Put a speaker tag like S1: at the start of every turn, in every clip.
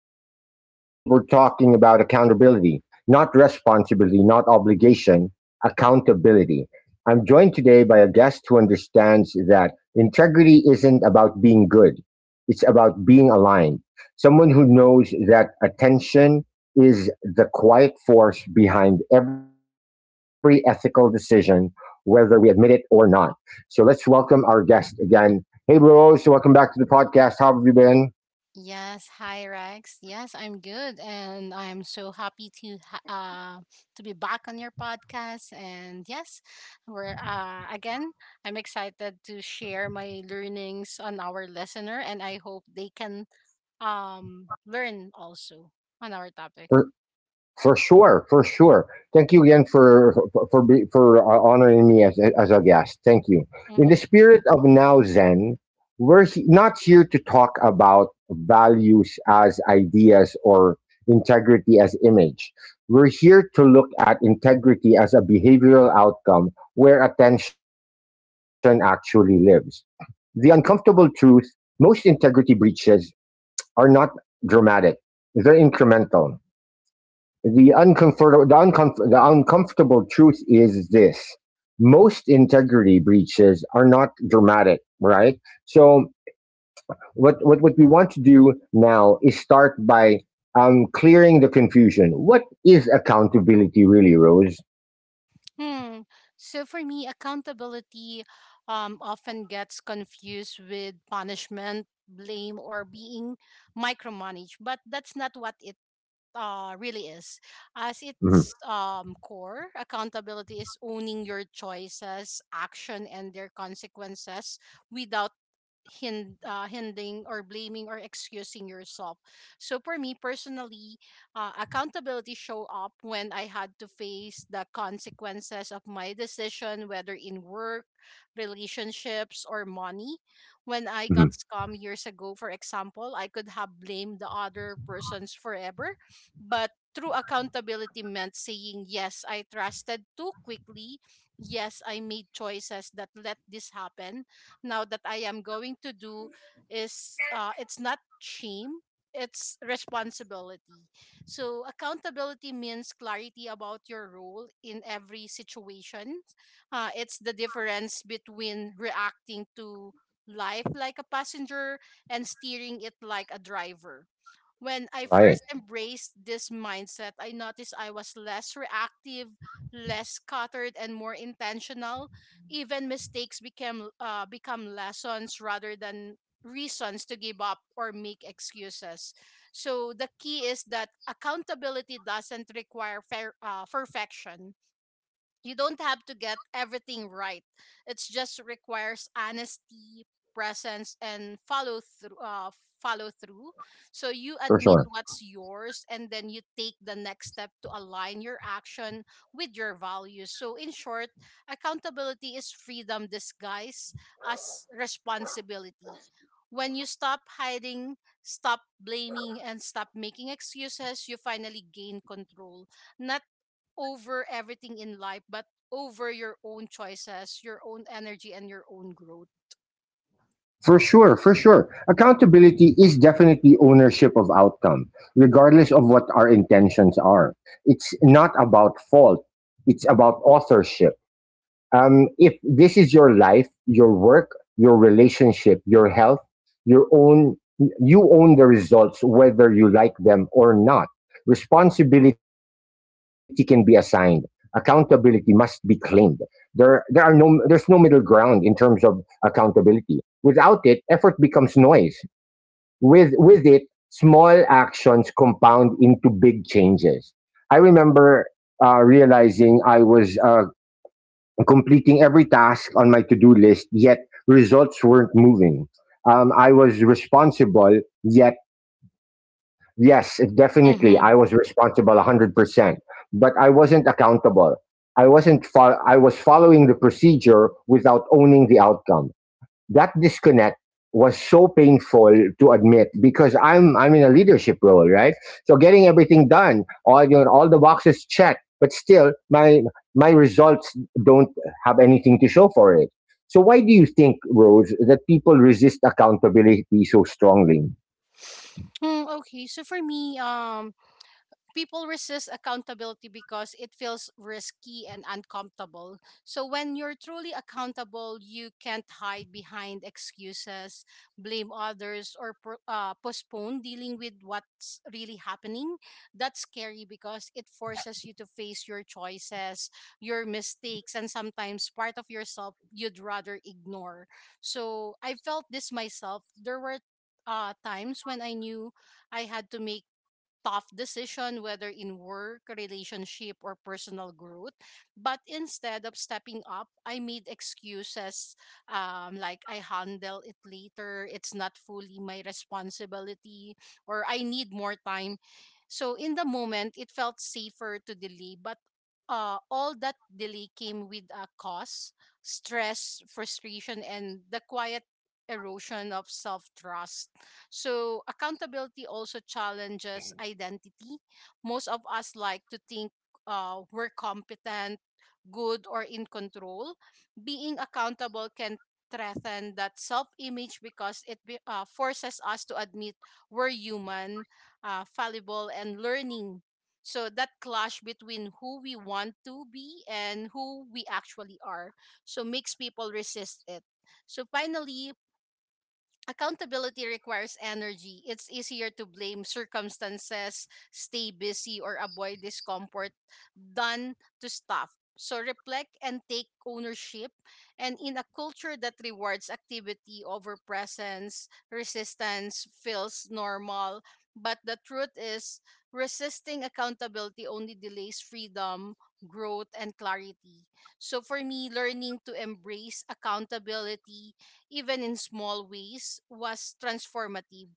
S1: 14, and today we're talking about accountability, not responsibility, not obligation, accountability. I'm joined today by a guest who understands that integrity isn't about being good. It's about being aligned. Someone who knows that attention is the quiet force behind every ethical decision, whether we admit it or not. So let's welcome our guest again. Hey, Rose, welcome back to the podcast. How have you been?
S2: Yes, hi Rex. Yes, I'm good, and I'm so happy to to be back on your podcast. And yes, we're again. I'm excited to share my learnings on our listener, and I hope they can learn also on our topic.
S1: For, for sure, for sure. Thank you again for honoring me as a guest. Thank you. In
S2: Mm-hmm.
S1: the spirit of now Zen, not here to talk about values as ideas or integrity as image. We're here to look at integrity as a behavioral outcome where attention actually lives. The uncomfortable truth: most integrity breaches are not dramatic; they're incremental. The uncomfortable truth is this: most integrity breaches are not dramatic, right? So what we want to do now is start by clearing the confusion. What is accountability really, Rose?
S2: Hmm. So for me, accountability often gets confused with punishment, blame, or being micromanaged, but that's not what it really is. As
S1: Mm-hmm.
S2: its core, accountability is owning your choices, action, and their consequences without hindering or blaming or excusing yourself. So for me personally, accountability show up when I had to face the consequences of my decision, whether in work, relationships, or money. When I
S1: Mm-hmm.
S2: got scammed years ago, for example, I could have blamed the other persons forever, but true accountability meant saying, yes, I trusted too quickly. Yes, I made choices that let this happen. Now that I am going to do is it's not shame, it's responsibility. So accountability means clarity about your role in every situation. It's the difference between reacting to life like a passenger and steering it like a driver. When I
S1: Right,
S2: first embraced this mindset, I noticed I was less reactive, less cluttered, and more intentional. Even mistakes became become lessons rather than reasons to give up or make excuses. So the key is that accountability doesn't require perfection. You don't have to get everything right. It just requires honesty, presence, and follow through. Follow through. So you
S1: for
S2: admit
S1: sure.
S2: what's yours, and then you take the next step to align your action with your values. So in short, accountability is freedom disguised as responsibility. When you stop hiding, stop blaming, and stop making excuses, you finally gain control, not over everything in life, but over your own choices, your own energy, and your own growth.
S1: For sure, for sure. Accountability is definitely ownership of outcome, regardless of what our intentions are. It's not about fault, it's about authorship. If this is your life, your work, your relationship, your health, your own, you own the results whether you like them or not. Responsibility can be assigned. Accountability must be claimed. There's no middle ground in terms of accountability. Without it, effort becomes noise. With it, small actions compound into big changes. I remember realizing I was completing every task on my to-do list, yet results weren't moving. I was responsible, yet yes, definitely
S2: Mm-hmm.
S1: I was responsible 100%, but I wasn't accountable. I was following the procedure without owning the outcome. That disconnect was so painful to admit because I'm in a leadership role, right? So getting everything done, all you know, all the boxes checked, but still my results don't have anything to show for it. So why do you think, Rose, that people resist accountability so strongly?
S2: Hmm, okay, so for me, people resist accountability because it feels risky and uncomfortable. So when you're truly accountable, you can't hide behind excuses, blame others, or postpone dealing with what's really happening. That's scary because it forces you to face your choices, your mistakes, and sometimes part of yourself you'd rather ignore. So I felt this myself. There were times when I knew I had to make tough decision, whether in work, relationship, or personal growth. But instead of stepping up, I made excuses, like I handle it later, it's not fully my responsibility, or I need more time. So in the moment, it felt safer to delay, but all that delay came with a cost, stress, frustration, and the quiet erosion of self trust. So accountability also challenges identity. Most of us like to think we're competent, good, or in control. Being accountable can threaten that self-image because it forces us to admit we're human, fallible, and learning. So that clash between who we want to be and who we actually are, so makes people resist it. So finally, accountability requires energy. It's easier to blame circumstances, stay busy, or avoid discomfort than to stop. So reflect and take ownership. And in a culture that rewards activity over presence, resistance feels normal. But the truth is, resisting accountability only delays freedom, growth, and clarity. So for me, learning to embrace accountability even in small ways, was transformative.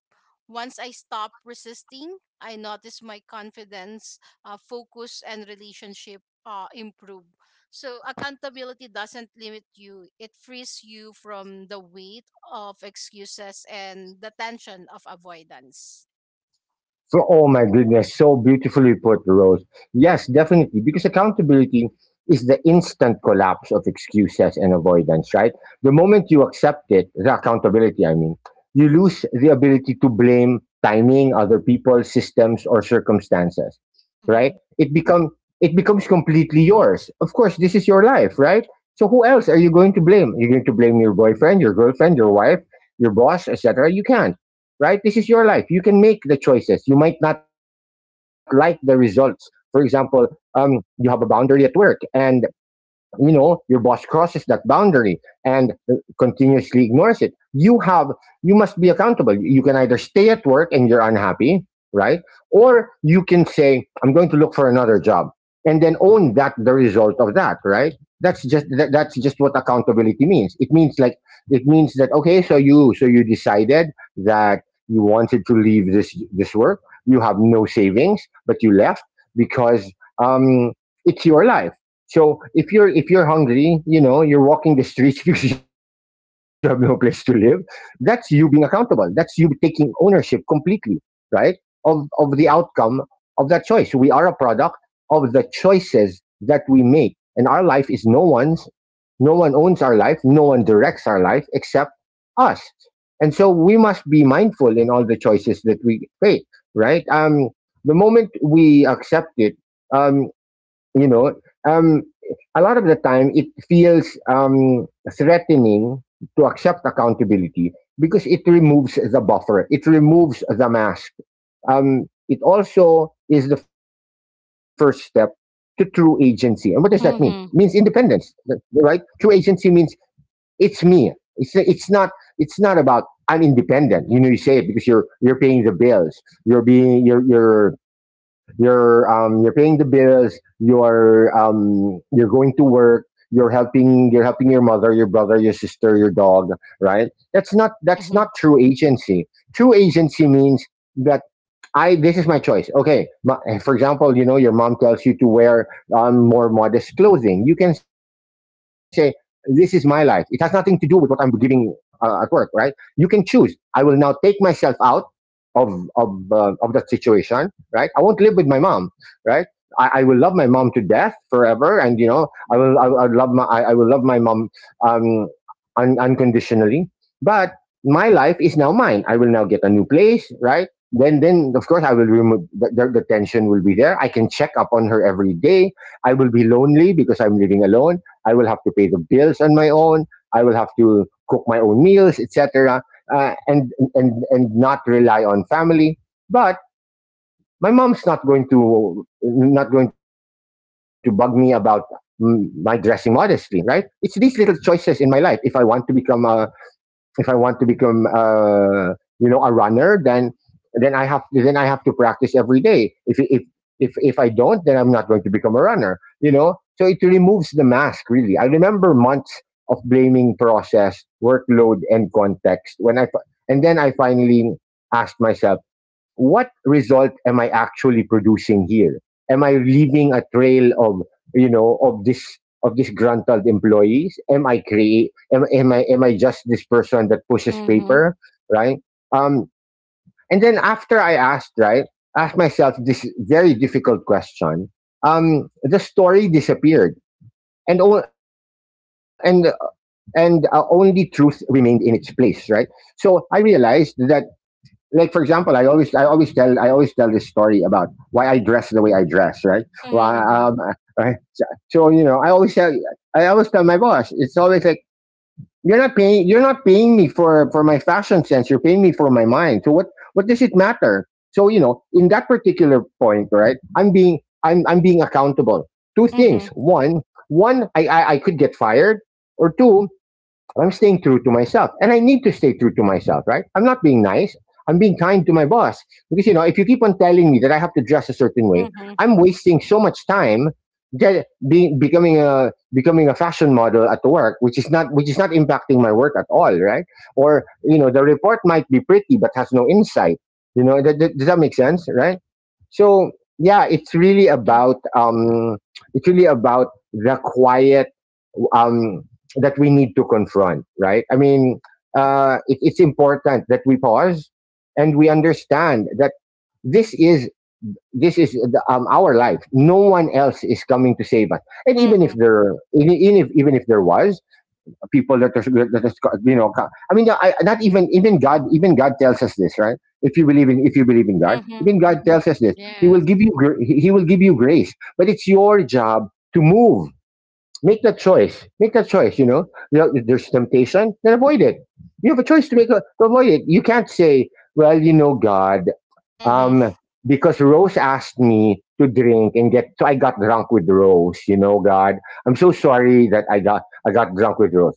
S2: Once I stopped resisting, I noticed my confidence, focus, and relationship improve. So, accountability doesn't limit you, it frees you from the weight of excuses and the tension of avoidance.
S1: Oh my goodness, so beautifully put, Rose. Yes, definitely, because accountability is the instant collapse of excuses and avoidance, right? The moment you accept it, the accountability, I mean, you lose the ability to blame timing, other people, systems, or circumstances,
S2: Mm-hmm.
S1: right? It become it becomes completely yours. Of course, this is your life, right? So who else are you going to blame? You're going to blame your boyfriend, your girlfriend, your wife, your boss, etc. You can't, right? This is your life. You can make the choices. You might not like the results. For example, you have a boundary at work, and you know your boss crosses that boundary and continuously ignores it. You have you must be accountable. You can either stay at work and you're unhappy, right? Or you can say, I'm going to look for another job, and then own that the result of that, right? That's just what accountability means. It means like it means that, okay, so you decided that you wanted to leave this work. You have no savings, but you left because um it's your life. So if you're hungry, you know, you're walking the streets because you have no place to live, that's you being accountable. That's you taking ownership completely, right? Of the outcome of that choice. We are a product of the choices that we make. And our life is no one owns our life, no one directs our life except us. And so we must be mindful in all the choices that we make, right? The moment we accept it, um, you know um a lot of the time it feels threatening to accept accountability because it removes the buffer, it removes the mask. It also is the first step to true agency. And what does that mean? Means
S2: Mm-hmm.
S1: independence. Right, true agency means it's me. It's not it's not about I'm independent, you know, you say it because you're paying the bills. you're being you're you're you're paying the bills. You're going to work. You're helping your mother, your brother, your sister, your dog. Right? That's
S2: Mm-hmm.
S1: not true agency. True agency means that I, this is my choice. Okay, for example, you know your mom tells you to wear more modest clothing. You can say, this is my life. It has nothing to do with what I'm giving at work, right? You can choose. I will now take myself out of of that situation, right? I won't live with my mom, right? I will love my mom to death forever, and you know, I will love my mom um, unconditionally. But my life is now mine. I will now get a new place, right? Then of course I will remove the, the tension will be there. I can check up on her every day. I will be lonely because I'm living alone. I will have to pay the bills on my own. I will have to cook my own meals, etc. And not rely on family. But my mom's not going to bug me about my dressing modestly, right? It's these little choices in my life. If I want to become a if I want to become you know a runner, then then I have to practice every day. If I don't, then I'm not going to become a runner, you know. So it removes the mask. Really, I remember months of blaming process, workload, and context, when I and then I finally asked myself, what result am I actually producing here? Am I leaving a trail of, you know, of disgruntled employees? Am I create? Am I just this person that pushes
S2: Mm-hmm.
S1: paper, right? Um, and then after I asked, right, asked myself this very difficult question. The story disappeared, and only truth remained in its place, right? So I realized that, like for example, I always tell this story about why I dress the way I dress, right? Well,
S2: Mm-hmm.
S1: right? So, so, you know, I always tell my boss, it's always like you're not paying me for my fashion sense. You're paying me for my mind. So what does it matter? So you know, in that particular point, right? I'm being accountable. Two things.
S2: Mm-hmm.
S1: One, I could get fired, or two, I'm staying true to myself. And I need to stay true to myself, right? I'm not being nice. I'm being kind to my boss. Because, you know, if you keep on telling me that I have to dress a certain way,
S2: Mm-hmm.
S1: I'm wasting so much time get, being, becoming a becoming a fashion model at work, which is not impacting my work at all, right? Or you know, the report might be pretty but has no insight. You know, does that make sense, right? So yeah, it's really about the quiet um, that we need to confront, right? I mean, it's important that we pause and we understand that this is this is the, our life. No one else is coming to save us. And
S2: Mm-hmm.
S1: even if there was people that are you know, I mean, I, not even even God tells us this, right? If you believe in God,
S2: Mm-hmm.
S1: even God
S2: Mm-hmm.
S1: tells us this.
S2: Yes.
S1: He will give you grace, but it's your job to move. Make that choice. Make that choice. You know, if there's temptation, then avoid it. You have a choice to to avoid it. You can't say, "Well, you know, God, um,
S2: Mm-hmm.
S1: because Rose asked me to drink so I got drunk with Rose. You know, God, I'm so sorry that I got drunk with Rose."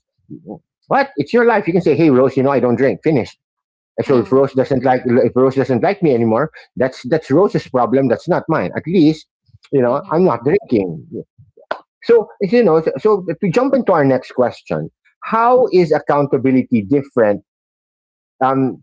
S1: What? It's your life. You can say, "Hey, Rose, you know, I don't drink." Finished. And so
S2: Mm-hmm.
S1: If Rose doesn't like me anymore, that's Rose's problem. That's not mine. At least, you know, I'm not drinking. So you know, so to jump into our next question, how is accountability different um,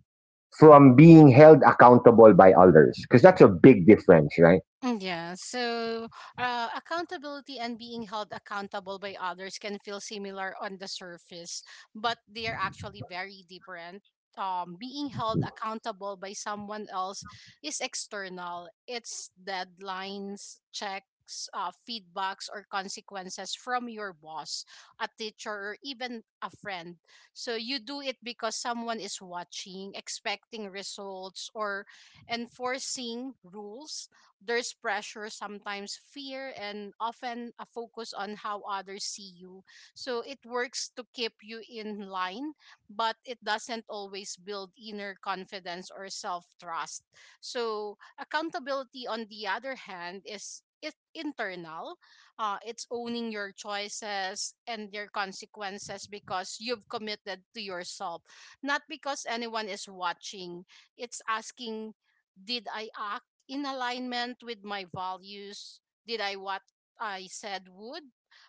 S1: from being held accountable by others? Because that's a big difference, right?
S2: Yeah, so accountability and being held accountable by others can feel similar on the surface, but they are actually very different. Being held accountable by someone else is external, it's deadlines, checks, feedbacks, or consequences from your boss, a teacher, or even a friend. So you do it because someone is watching, expecting results, or enforcing rules. There's pressure, sometimes fear, and often a focus on how others see you. So it works to keep you in line, but it doesn't always build inner confidence or self trust. So accountability, on the other hand, is it internal. It's owning your choices and their consequences because you've committed to yourself, not because anyone is watching. It's asking, did I act in alignment with my values? Did I what I said would?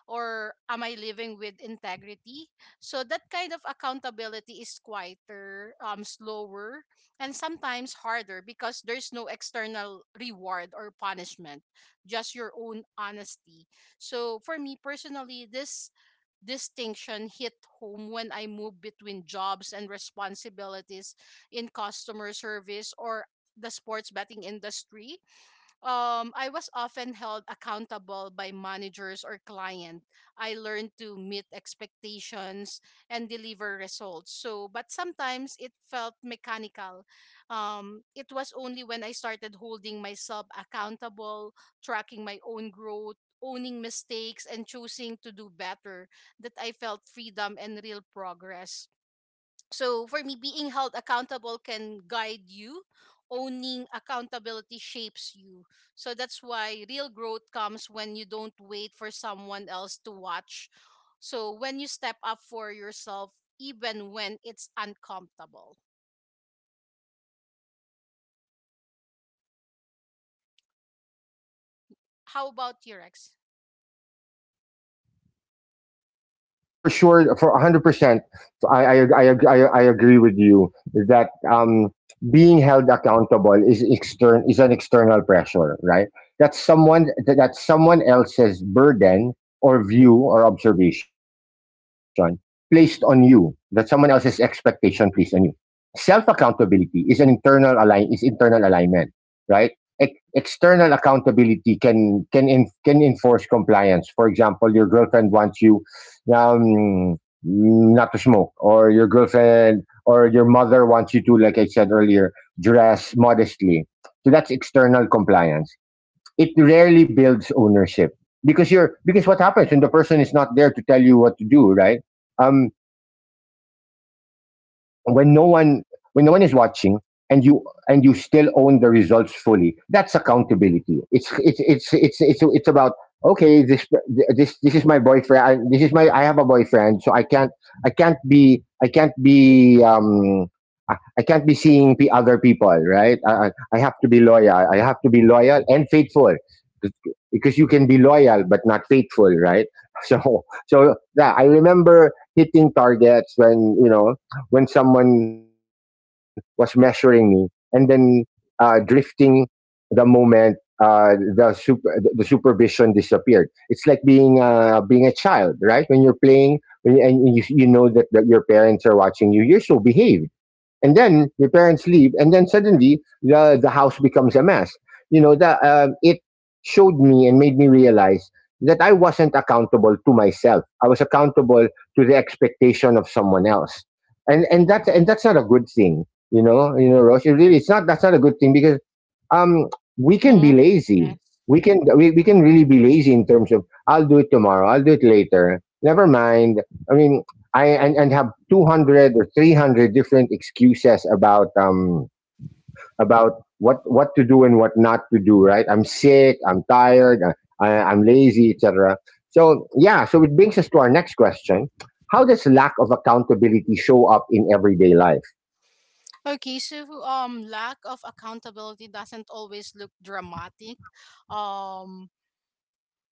S2: Or am I living with integrity? So that kind of accountability is quieter, slower, and sometimes harder because there's no external reward or punishment, just your own honesty. So for me personally, this distinction hit home when I moved between jobs and responsibilities in customer service or the sports betting industry. Um, I was often held accountable by managers or client. I learned to meet expectations and deliver results. So, but sometimes it felt mechanical. It was only when I started holding myself accountable, tracking my own growth, owning mistakes, and choosing to do better that I felt freedom and real progress. So for me, being held accountable can guide you. Owning accountability shapes you. So that's why real growth comes when you don't wait for someone else to watch. So when you step up for yourself, even when it's uncomfortable. How about you, Rex?
S1: For sure, for 100%, I agree with you that being held accountable is extern is an external pressure, right? That's that's someone else's burden or view or observation placed on you. That someone else's expectation placed on you. Self accountability is an internal align is internal alignment, right? External accountability can enforce compliance. For example, your girlfriend wants you um, not to smoke, or your girlfriend or your mother wants you to, like I said earlier, dress modestly. So that's external compliance. It rarely builds ownership, because you're because what happens when the person is not there to tell you what to do, right? um when no one, when no one is watching, and you, and you still own the results fully, that's accountability. It's about, okay, this this is my boyfriend. This is my, I have a boyfriend, so I can't, I can't be I can't be seeing other people, right? I, I have to be loyal. I have to be loyal and faithful, because you can be loyal but not faithful, right? So, so yeah, I remember hitting targets when you know, when someone was measuring me, and then drifting the moment supervision disappeared. It's like being being a child, right? When you're playing and you know that, that your parents are watching you, you're so behaved, and then your parents leave, and then suddenly the house becomes a mess. You know that, it showed me and made me realize that I wasn't accountable to myself. I was accountable to the expectation of someone else, and that, and that's not a good thing. You know, you know Rosh, it really it's not, that's not a good thing, because um we can
S2: Mm-hmm.
S1: be lazy.
S2: Yeah.
S1: We can really be lazy, in terms of, I'll do it tomorrow, I'll do it later, never mind. I mean, I and have 200 or 300 different excuses about what to do and what not to do, right? I'm sick, I'm tired, I'm lazy, etc. So yeah, so it brings us to our next question: how does lack of accountability show up in everyday life?
S2: Okay, so lack of accountability doesn't always look dramatic. Um,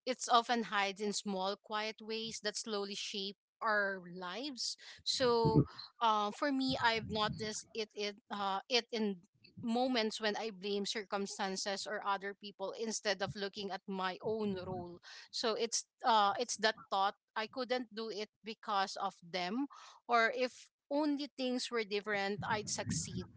S2: it's often hides in small quiet ways that slowly shape our lives. So for me, I've noticed it in moments when I blame circumstances or other people instead of looking at my own role. So it's that thought, I couldn't do it because of them, or if only things were different I'd succeed.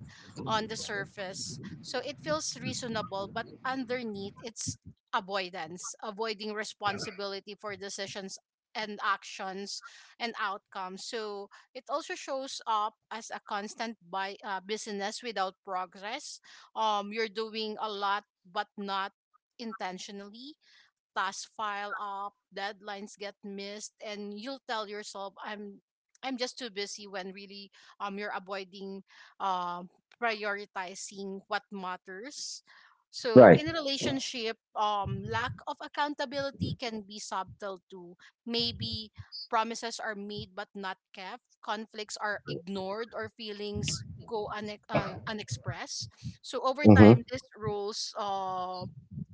S2: On the surface, so it feels reasonable, but underneath it's avoidance, avoiding responsibility for decisions and actions and outcomes. So it also shows up as a constant by business without progress. You're doing a lot, but not intentionally. Tasks file up, deadlines get missed, and you'll tell yourself, I'm just too busy." When really, you're avoiding, um, prioritizing what matters. So
S1: Right.
S2: in a relationship, lack of accountability can be subtle too. Maybe promises are made but not kept, conflicts are ignored, or feelings go unexpressed. So over
S1: Hmm.
S2: time, these rules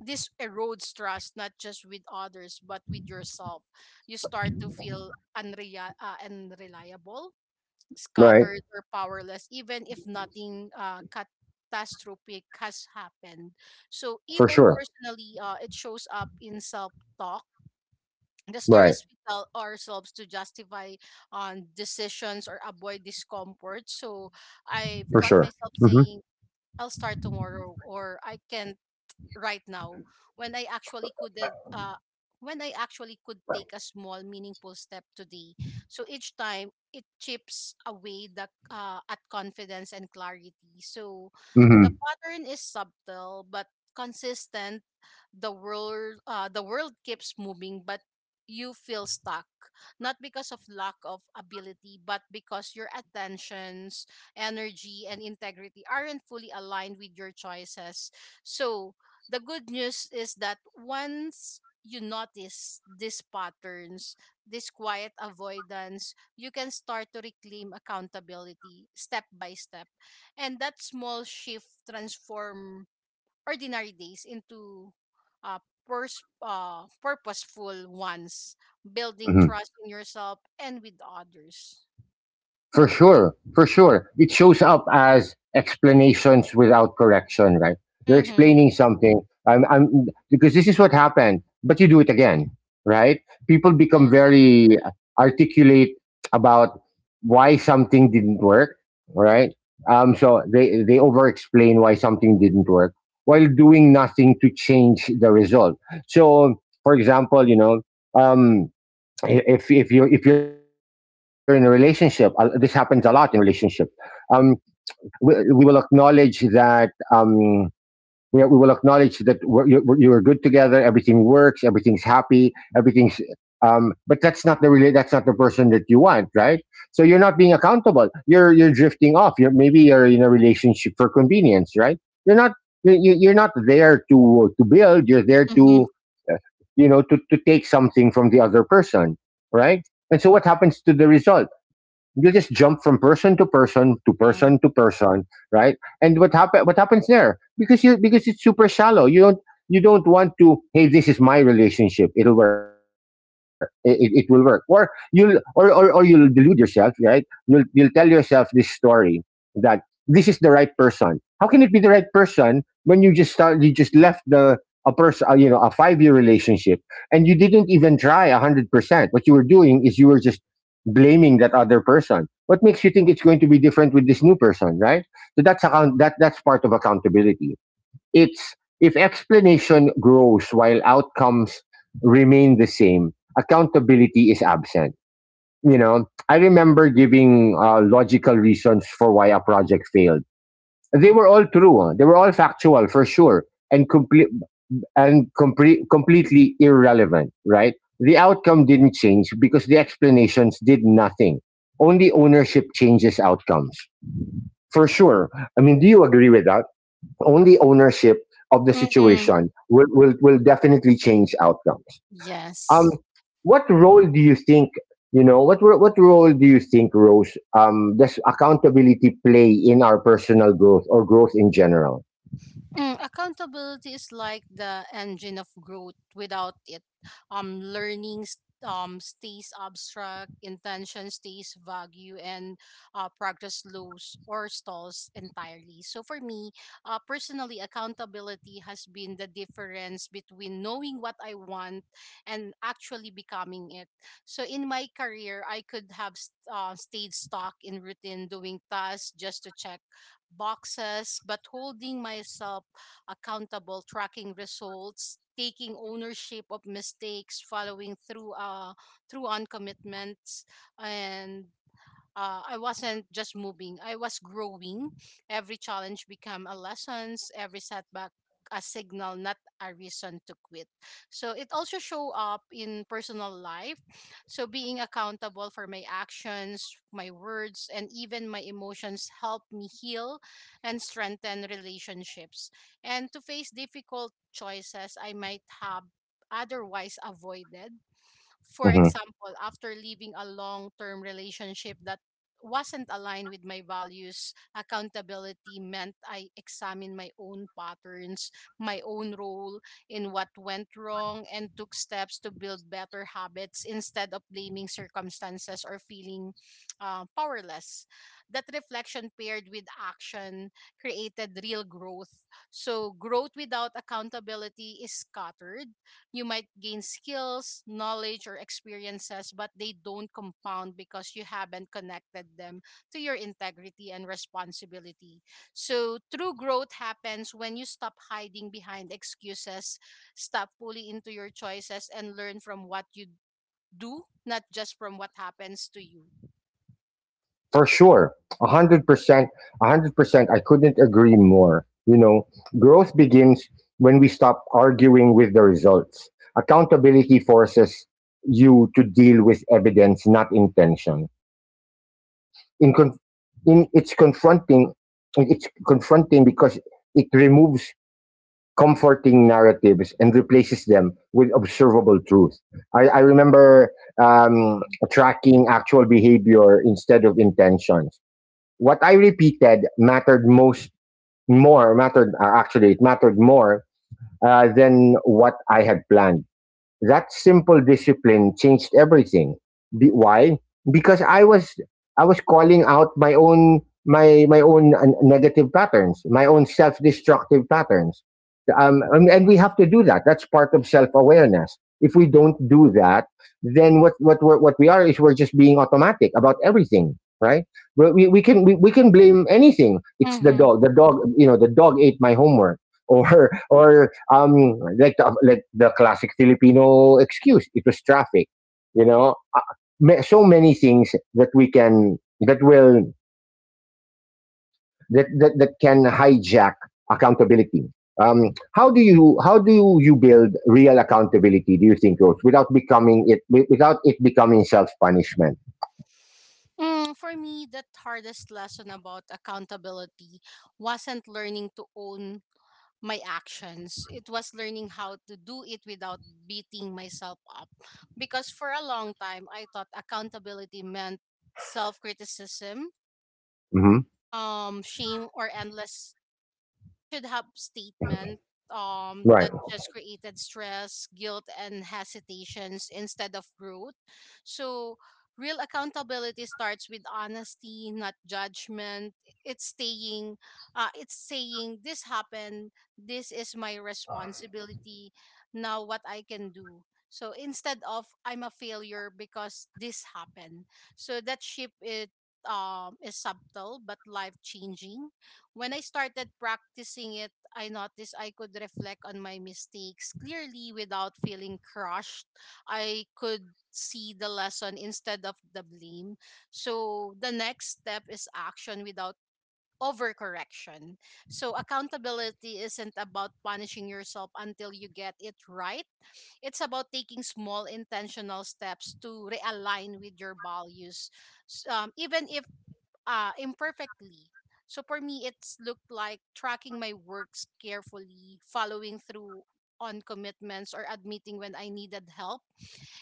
S2: this erodes trust, not just with others but with yourself. You start to feel unreliable,
S1: Right.
S2: scattered, or powerless even if nothing catastrophic has happened. So
S1: For
S2: even
S1: sure.
S2: personally, it shows up in self talk, the
S1: Right.
S2: stories we tell ourselves to justify on decisions or avoid discomfort. So I've
S1: For
S2: got
S1: sure.
S2: myself
S1: Hmm.
S2: saying, I'll start tomorrow, or I can right now, when I actually could uh uh, when I actually could take a small meaningful step today. So each time it chips away the at confidence and clarity. So the pattern is subtle but consistent. The world the world keeps moving, but you feel stuck, not because of lack of ability, but because your attentions, energy, and integrity aren't fully aligned with your choices. So the good news is that once you notice these patterns, this quiet avoidance, you can start to reclaim accountability step by step. And that small shift transform ordinary days into uh, purposeful ones, building
S1: Hmm.
S2: trust in yourself and with others.
S1: For sure, for sure. It shows up as explanations without correction, right? You're
S2: Mm-hmm.
S1: explaining something. I'm, because this is what happened, but you do it again, right? People become
S2: Yeah.
S1: very articulate about why something didn't work, right? So they over explain why something didn't work, while doing nothing to change the result. So, for example, you know, um, if you if you're in a relationship, this happens a lot in relationship. um we, we will acknowledge that we will acknowledge that you, you are good together. Everything works. Everything's happy. Everything's. But that's not the really. That's not the person that you want, right? So you're not being accountable. You're drifting off. You're, maybe you're in a relationship for convenience, right? You're not, you're not there to build. You're there
S2: Mm-hmm.
S1: to, uh, you know, to take something from the other person, right? And so what happens to the result? You just jump from person to person to
S2: Yeah.
S1: person to person, right? And what happens there? Because you, because it's super shallow. You don't, you don't want to, hey, this is my relationship, it'll work, it it will work. Or you'll, or or you'll delude yourself, right? You'll tell yourself this story that this is the right person. How can it be the right person when you just start you just left the a person, you know, a 5 year relationship, and you didn't even try 100%? What you were doing is you were just blaming that other person. What makes you think it's going to be different with this new person, right? So that's account that that's part of accountability. It's, if explanation grows while outcomes remain the same, accountability is absent. You know, I remember giving logical reasons for why a project failed. They were all true, huh? They were all factual, for sure, and complete and completely irrelevant, right? The outcome didn't change because the explanations did nothing. Only ownership changes outcomes. For sure. I mean, do you agree with that? Only ownership of the
S2: Mm-hmm.
S1: situation will definitely change outcomes. Um,
S2: Yes.
S1: what role do you think, you know, what role do you think, Rose, does accountability play in our personal growth or growth in general?
S2: Mm, accountability is like the engine of growth. Without it, learning stays abstract, intention stays vague, and progress slows or stalls entirely. So, for me, personally, accountability has been the difference between knowing what I want and actually becoming it. So, in my career, I could have stayed stuck in routine, doing tasks just to check boxes, but holding myself accountable, tracking results, taking ownership of mistakes, following through on commitments, and I wasn't just moving. I was growing. Every challenge became a lesson. Every setback a signal, not a reason to quit. So it also show up in personal life. So being accountable for my actions, my words, and even my emotions help me heal and strengthen relationships. And to face difficult choices I might have otherwise avoided, for
S1: Mm-hmm.
S2: example, after leaving a long term relationship that wasn't aligned with my values, accountability meant I examined my own patterns, my own role in what went wrong, and took steps to build better habits instead of blaming circumstances or feeling powerless. That reflection paired with action created real growth. So, growth without accountability is scattered. You might gain skills, knowledge, or experiences, but they don't compound because you haven't connected them to your integrity and responsibility. So, true growth happens when you stop hiding behind excuses, stop fully into your choices, and learn from what you do, not just from what happens to you.
S1: For sure, 100%, a 100%, I couldn't agree more. You know, growth begins when we stop arguing with the results. Accountability forces you to deal with evidence, not intention. in, con- in It's confronting. It's confronting because it removes comforting narratives and replaces them with observable truth. I remember um, tracking actual behavior instead of intentions. What I repeated mattered most, more mattered actually it mattered more than what I had planned. That simple discipline changed everything. Why? Because I was, I was calling out my own, my own negative patterns, my own self-destructive patterns. And we have to do that. That's part of self-awareness. If we don't do that, then what we are is, we're just being automatic about everything, right? But we can blame anything. It's the
S2: Mm-hmm.
S1: dog. The dog, you know, the dog ate my homework, or like like the classic Filipino excuse, it was traffic. You know, so many things that we can that will that can hijack accountability. Um, how do you build real accountability, do you think, Rose, without without it becoming self punishment?
S2: Mm, for me, the hardest lesson about accountability wasn't learning to own my actions. It was learning how to do it without beating myself up. Because for a long time, I thought accountability meant self criticism,
S1: Hmm.
S2: shame, or endless I should have statement
S1: Right.
S2: that just created stress, guilt and hesitations instead of growth. So real accountability starts with honesty, not judgment. It's saying it's saying this happened, this is my responsibility, now what I can do. So instead of I'm a failure because this happened. So that shift it is subtle but life changing when I started practicing it, I noticed I could reflect on my mistakes clearly without feeling crushed. I could see the lesson instead of the blame. So the next step is action without overcorrection. So accountability isn't about punishing yourself until you get it right. It's about taking small intentional steps to realign with your values. Even if imperfectly. So for me, it's looked like tracking my works carefully, following through on commitments, or admitting when I needed help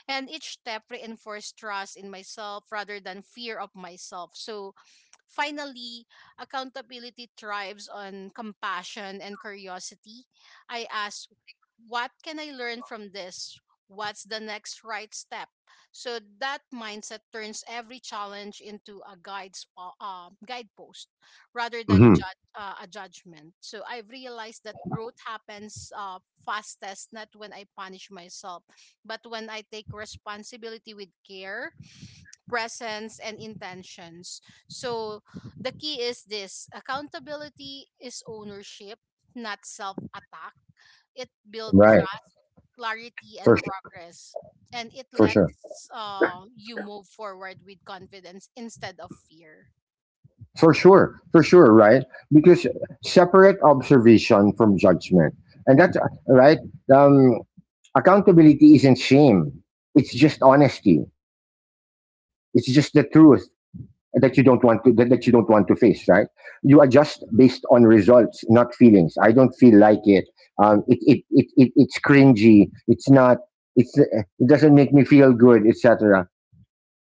S2: and each step reinforced trust in myself rather than fear of myself. So finally, accountability thrives on compassion and curiosity. I ask, what can I learn from this? What's the next right step? So that mindset turns every challenge into a guidepost rather than
S1: Hmm.
S2: a judgment. So I've realized that growth happens fastest, not when I punish myself, but when I take responsibility with care, presence, and intentions. So the key is this accountability is ownership, not self attack. It builds
S1: Right.
S2: trust, clarity, and
S1: for su-
S2: progress. And it
S1: for sure.
S2: lets you move forward with confidence instead of fear.
S1: For sure, for sure, right? Because separate observation from judgment, and that's right. Um, accountability isn't shame; it's just honesty. It's just the truth that you don't want to, that you don't want to face, right? You adjust based on results, not feelings. I don't feel like it. It it's cringy. It's not. It's, it doesn't make me feel good, etc.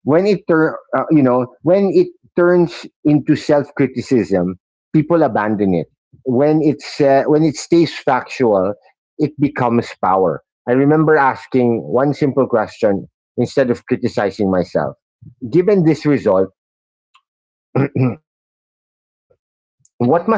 S1: When it you know, when it turns into self-criticism, people abandon it. When it's when it stays factual, it becomes power. I remember asking one simple question instead of criticizing myself: given this result, what must I do
S2: Mm-hmm.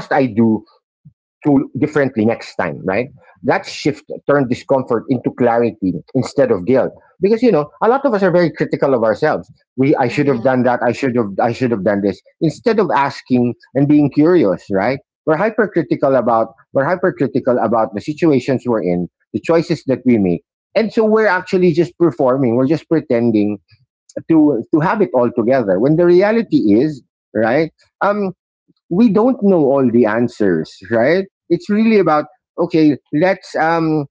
S1: through differently next time, right? That shift turned discomfort into clarity instead of guilt. Because you know, a lot of us are very critical of ourselves. We, I should have
S2: Mm-hmm.
S1: done that, I should have, I should have done this. Instead of asking and being curious, right? We're hypercritical about we're hypercritical about the situations we're in, the choices that we make. And so we're actually just performing, we're just pretending to have it all together. When the reality is, right? Um, we don't know all the answers, right? It's really about, okay, let's um,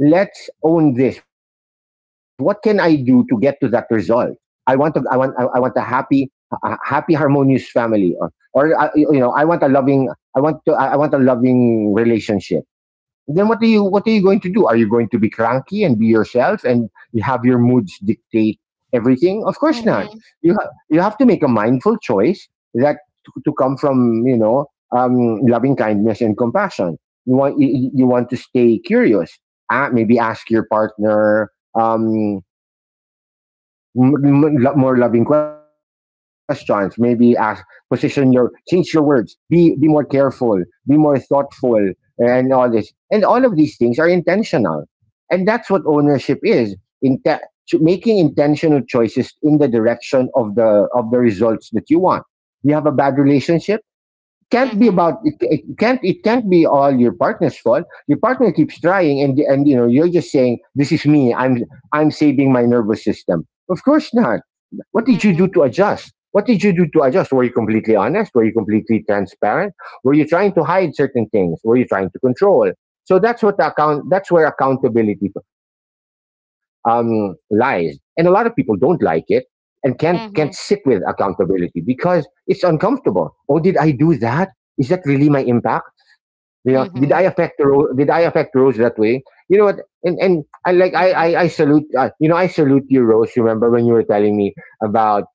S1: let's own this. What can I do to get to that result? I want a. I want, I want a happy, a happy harmonious family, or you know, I want a loving, I want to, I want a loving relationship. Then what are you, what are you going to do? Are you going to be cranky and be yourself and you have your moods dictate everything? Of course not.
S2: Mm-hmm.
S1: You have to make a mindful choice, that, to come from, you know, loving kindness and compassion. You want, you want to stay curious. Ah, maybe ask your partner, um, more loving questions, maybe ask, position your, change your words, be more careful, be more thoughtful, eh, and all this, and all of these things are intentional, and that's what ownership is, in, making intentional choices in the direction of the results that you want. You have a bad relationship. Can't be
S2: Mm-hmm.
S1: about it, it can't be all your partner's fault. Your partner keeps trying, and you know, you're just saying, this is me, I'm saving my nervous system. Of course not. What did you
S2: Mm-hmm.
S1: do to adjust? What did you do to adjust? Were you completely honest? Were you completely transparent? Were you trying to hide certain things? Were you trying to control? So that's what account that's where accountability lies, and a lot of people don't like it, and can't sit with
S2: Mm-hmm.
S1: accountability, because it's uncomfortable. Oh, did I do that? Is that really my impact? You know, did I
S2: Mm-hmm.
S1: affect Rose? Did I affect Rose that way? You know what? And I, like I
S2: Yes.
S1: I, I salute you know, I salute you, Rose. Remember when you were telling me about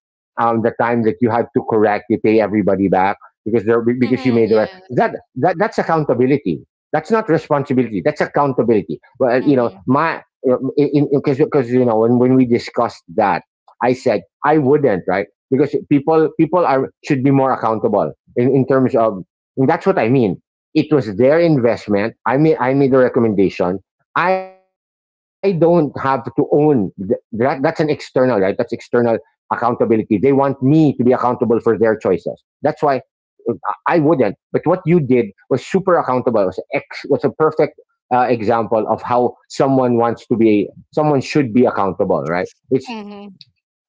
S1: the time that you had to correct, you pay everybody back because they're because you
S2: Mm-hmm.
S1: made the right.
S2: Yes.
S1: That's accountability. That's not responsibility. That's accountability. Well, you know
S2: Mm-hmm.
S1: my in because you know, when we discussed that, I said I wouldn't, right? Because people people are should be more accountable in terms of, and that's what I mean, it was their investment. I made a recommendation. I don't have to own that. That's an external, right? That's external accountability. They want me to be accountable for their choices. That's why uh, I wouldn't. But what you did was super accountable. It was was a perfect example of how someone wants to be. Someone should be accountable, right? It's
S2: Mm-hmm.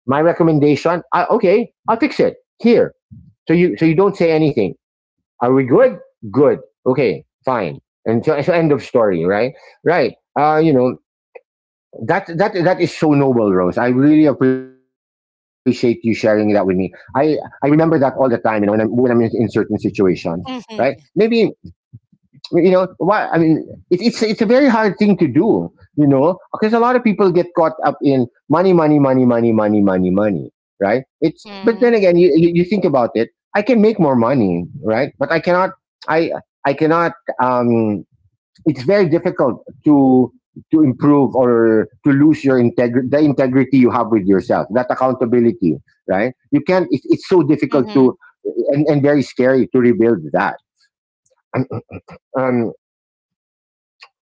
S1: my recommendation. I, okay, I'll fix it here. So you don't say anything. Are we good? Good. Okay, fine. And so end of story, right? Right. You know, that is so noble, Rose. I really appreciate you sharing that with me. I remember that all the time. You know, when I'm in certain situations, right?
S2: Mm-hmm.
S1: Maybe,
S2: Yes.
S1: you know why I mean, it's it's a very hard thing to do, you know, because a lot of people get caught up in money, money, money, money, money, money, money, right? It's, but then
S2: Mhm.
S1: again, you you think about it, I can make more money, right? But I cannot, i I cannot, um it's very difficult to improve, or to lose your integrity, the integrity you have with yourself, that accountability, right? You can't, it's so difficult to,
S2: Mhm.
S1: and very scary to rebuild that. um,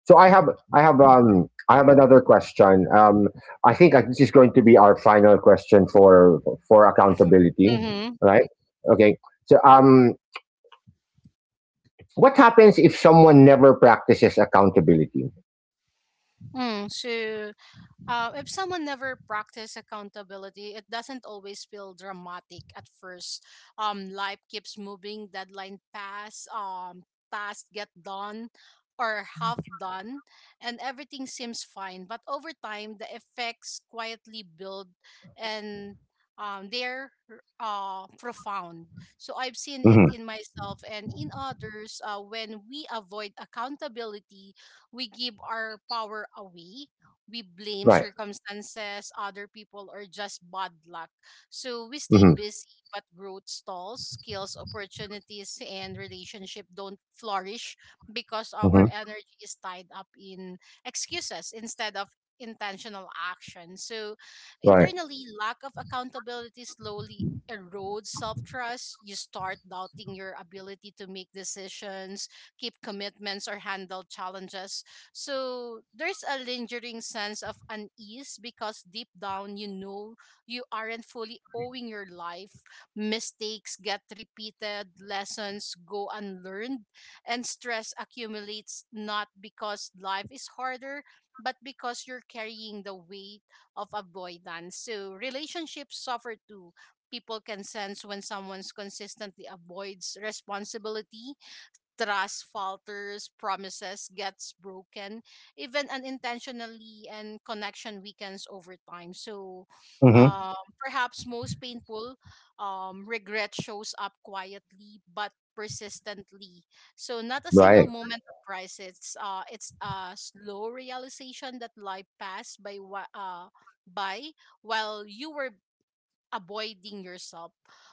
S1: So I have, I have I have another question. I think this is going to be our final question for accountability,
S2: mhm,
S1: right? Okay. So what happens if someone never practices accountability?
S2: so if someone never practices accountability, it doesn't always feel dramatic at first. Life keeps moving, deadline pass, tasks get done or half done, and everything seems fine. But over time, the effects quietly build, and they're profound. So I've seen it
S1: Hmm.
S2: in myself and in others. When we avoid accountability, we give our power away. We blame
S1: Right.
S2: circumstances, other people, or just bad luck. So we stay
S1: Hmm.
S2: busy, but growth stalls, skills, opportunities, and relationship don't flourish because our
S1: Hmm.
S2: energy is tied up in excuses instead of intentional action. So
S1: Right.
S2: internally, lack of accountability slowly erodes self-trust. You start doubting your ability to make decisions, keep commitments or handle challenges, so there's a lingering sense of unease because deep down you know you aren't fully owing your life. Mistakes get repeated, lessons go unlearned, and stress accumulates not because life is harder, but because you're carrying the weight of avoidance. So relationships suffer too. People can sense when someone's consistently avoids responsibility. Trust falters, promises gets broken, even unintentionally, and connection weakens over time. So,
S1: Hmm.
S2: perhaps most painful, regret shows up quietly but persistently. So, not a single
S1: Right.
S2: moment of crisis. It's a slow realization that life passed by while you were avoiding yourself.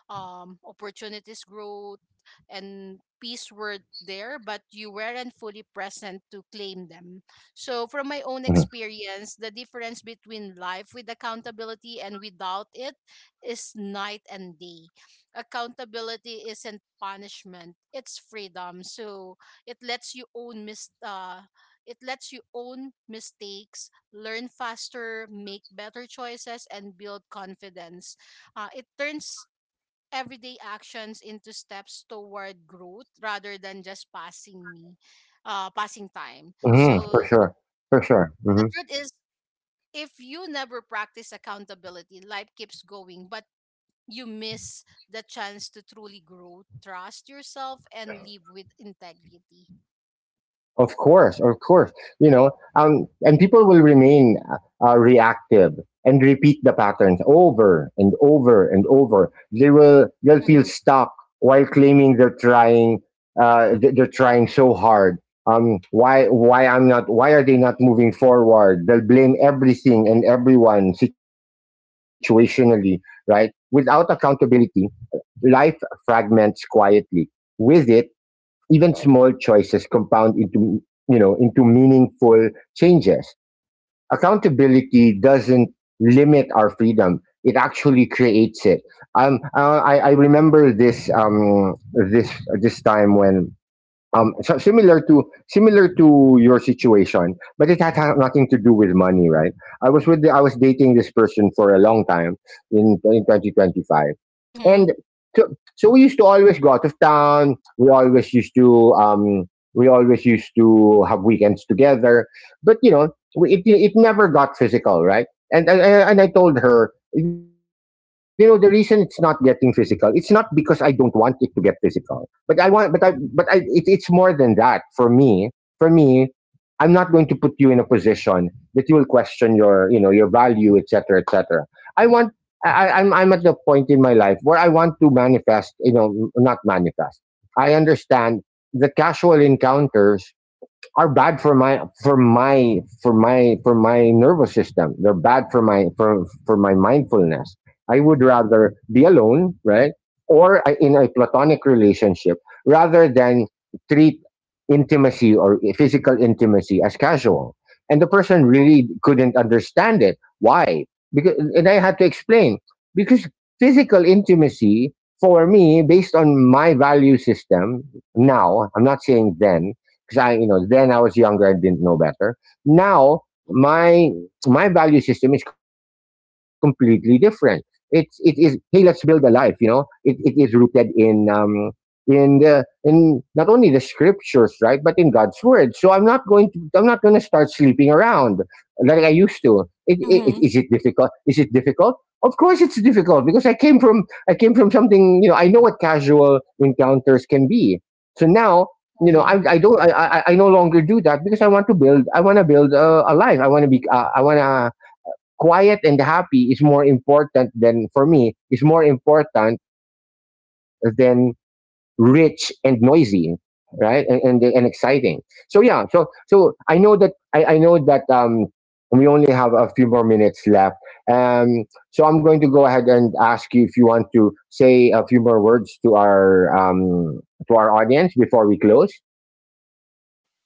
S2: Um, opportunities, growth and peace were there but you weren't fully present to claim them. So from my own
S1: Hmm.
S2: experience the difference between life with accountability and without it is night and day. Accountability isn't punishment, it's freedom. So it lets you own mis- uh, it lets you own mistakes, learn faster, make better choices and build confidence. It turns everyday actions into steps toward growth rather than just passing time.
S1: Hmm. For
S2: So
S1: sure. For sure.
S2: the
S1: Hmm.
S2: truth is, if you never practice accountability, life keeps going, but you miss the chance to truly grow, trust yourself, and live with integrity.
S1: Of course, of course. You know, and people will remain reactive and repeat the patterns over and over and over. They'll feel
S2: Mm-hmm.
S1: stuck while claiming they're trying, they're trying so hard. Why I'm not, why are they not moving forward? They'll blame everything and everyone situationally, right? Without accountability, life fragments quietly. With it, even small choices compound into, you know, into meaningful changes. Accountability doesn't limit our freedom, it actually creates it. I remember this, this time when, similar to your situation, but it had nothing to do with money, right? I was with the, I was dating this person for a long time in 2025,
S2: Mm-hmm.
S1: and so, so we used to always go out of town. We always used to we always used to have weekends together, but you know, we, it never got physical, right? And I told her, you know, the reason it's not getting physical, it's not because I don't want it to get physical, but I want, but I, it's more than that for me. For me, I'm not going to put you in a position that you will question your, you know, your value, etc., cetera, etc. Cetera. I want, I'm at the point in my life where I want to manifest, you know, not manifest. I understand the casual encounters are bad for my for my for my for my nervous system. They're bad for my mindfulness. I would rather be alone, right, or I- in a platonic relationship, rather than treat intimacy or physical intimacy as casual. And the person really couldn't understand it. Why? Because, and I had to explain, because physical intimacy for me, based on my value system now, I'm not saying then, because I, you know, then I was younger, I didn't know better. Now my value system is completely different. It is, hey, let's build a life. You know, it is rooted in the, in not only the scriptures, right, but in God's word. So I'm not going to, I'm not going to start sleeping around like I used to. It,
S2: Mm-hmm.
S1: is it difficult? Is it difficult? Of course, it's difficult, because I came from, I came from something. You know, I know what casual encounters can be. So now, you know, I don't, I no longer do that, because I want to build, I want to build a life, I want to be, I want to, quiet and happy is more important than, for me is more important than rich and noisy, right, and and exciting. So yeah, so so I know that I know that we only have a few more minutes left, um so I'm going to go ahead and ask you if you want to say a few more words to our, um to our audience before we close.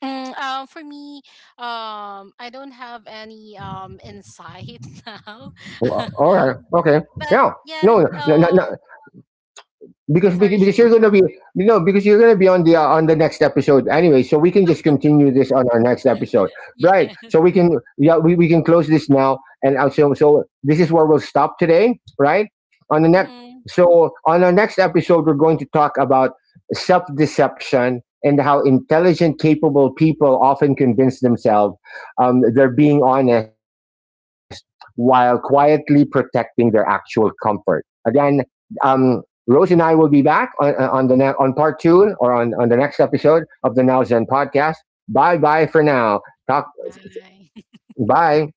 S2: Mm, for me, I don't have any insight now,
S1: Oh, all right. Okay.
S2: but
S1: Yeah.
S2: yes.
S1: No. No. No.
S2: Oh,
S1: No, because
S2: sorry.
S1: you're gonna be, no, because you're gonna be on the next episode anyway, so we can just continue this on our next episode, right?
S2: Yeah.
S1: So we can, yeah, we can close this now, and so so this is where we'll stop today, right, on the next.
S2: Mm-hmm.
S1: So on our next episode, we're going to talk about self-deception, and how intelligent, capable people often convince themselves they're being honest while quietly protecting their actual comfort. Again, um, Rose and I will be back on the on part two, or on the next episode of the Now Zen podcast. Bye bye for now. Talk,
S2: Bye.
S1: bye.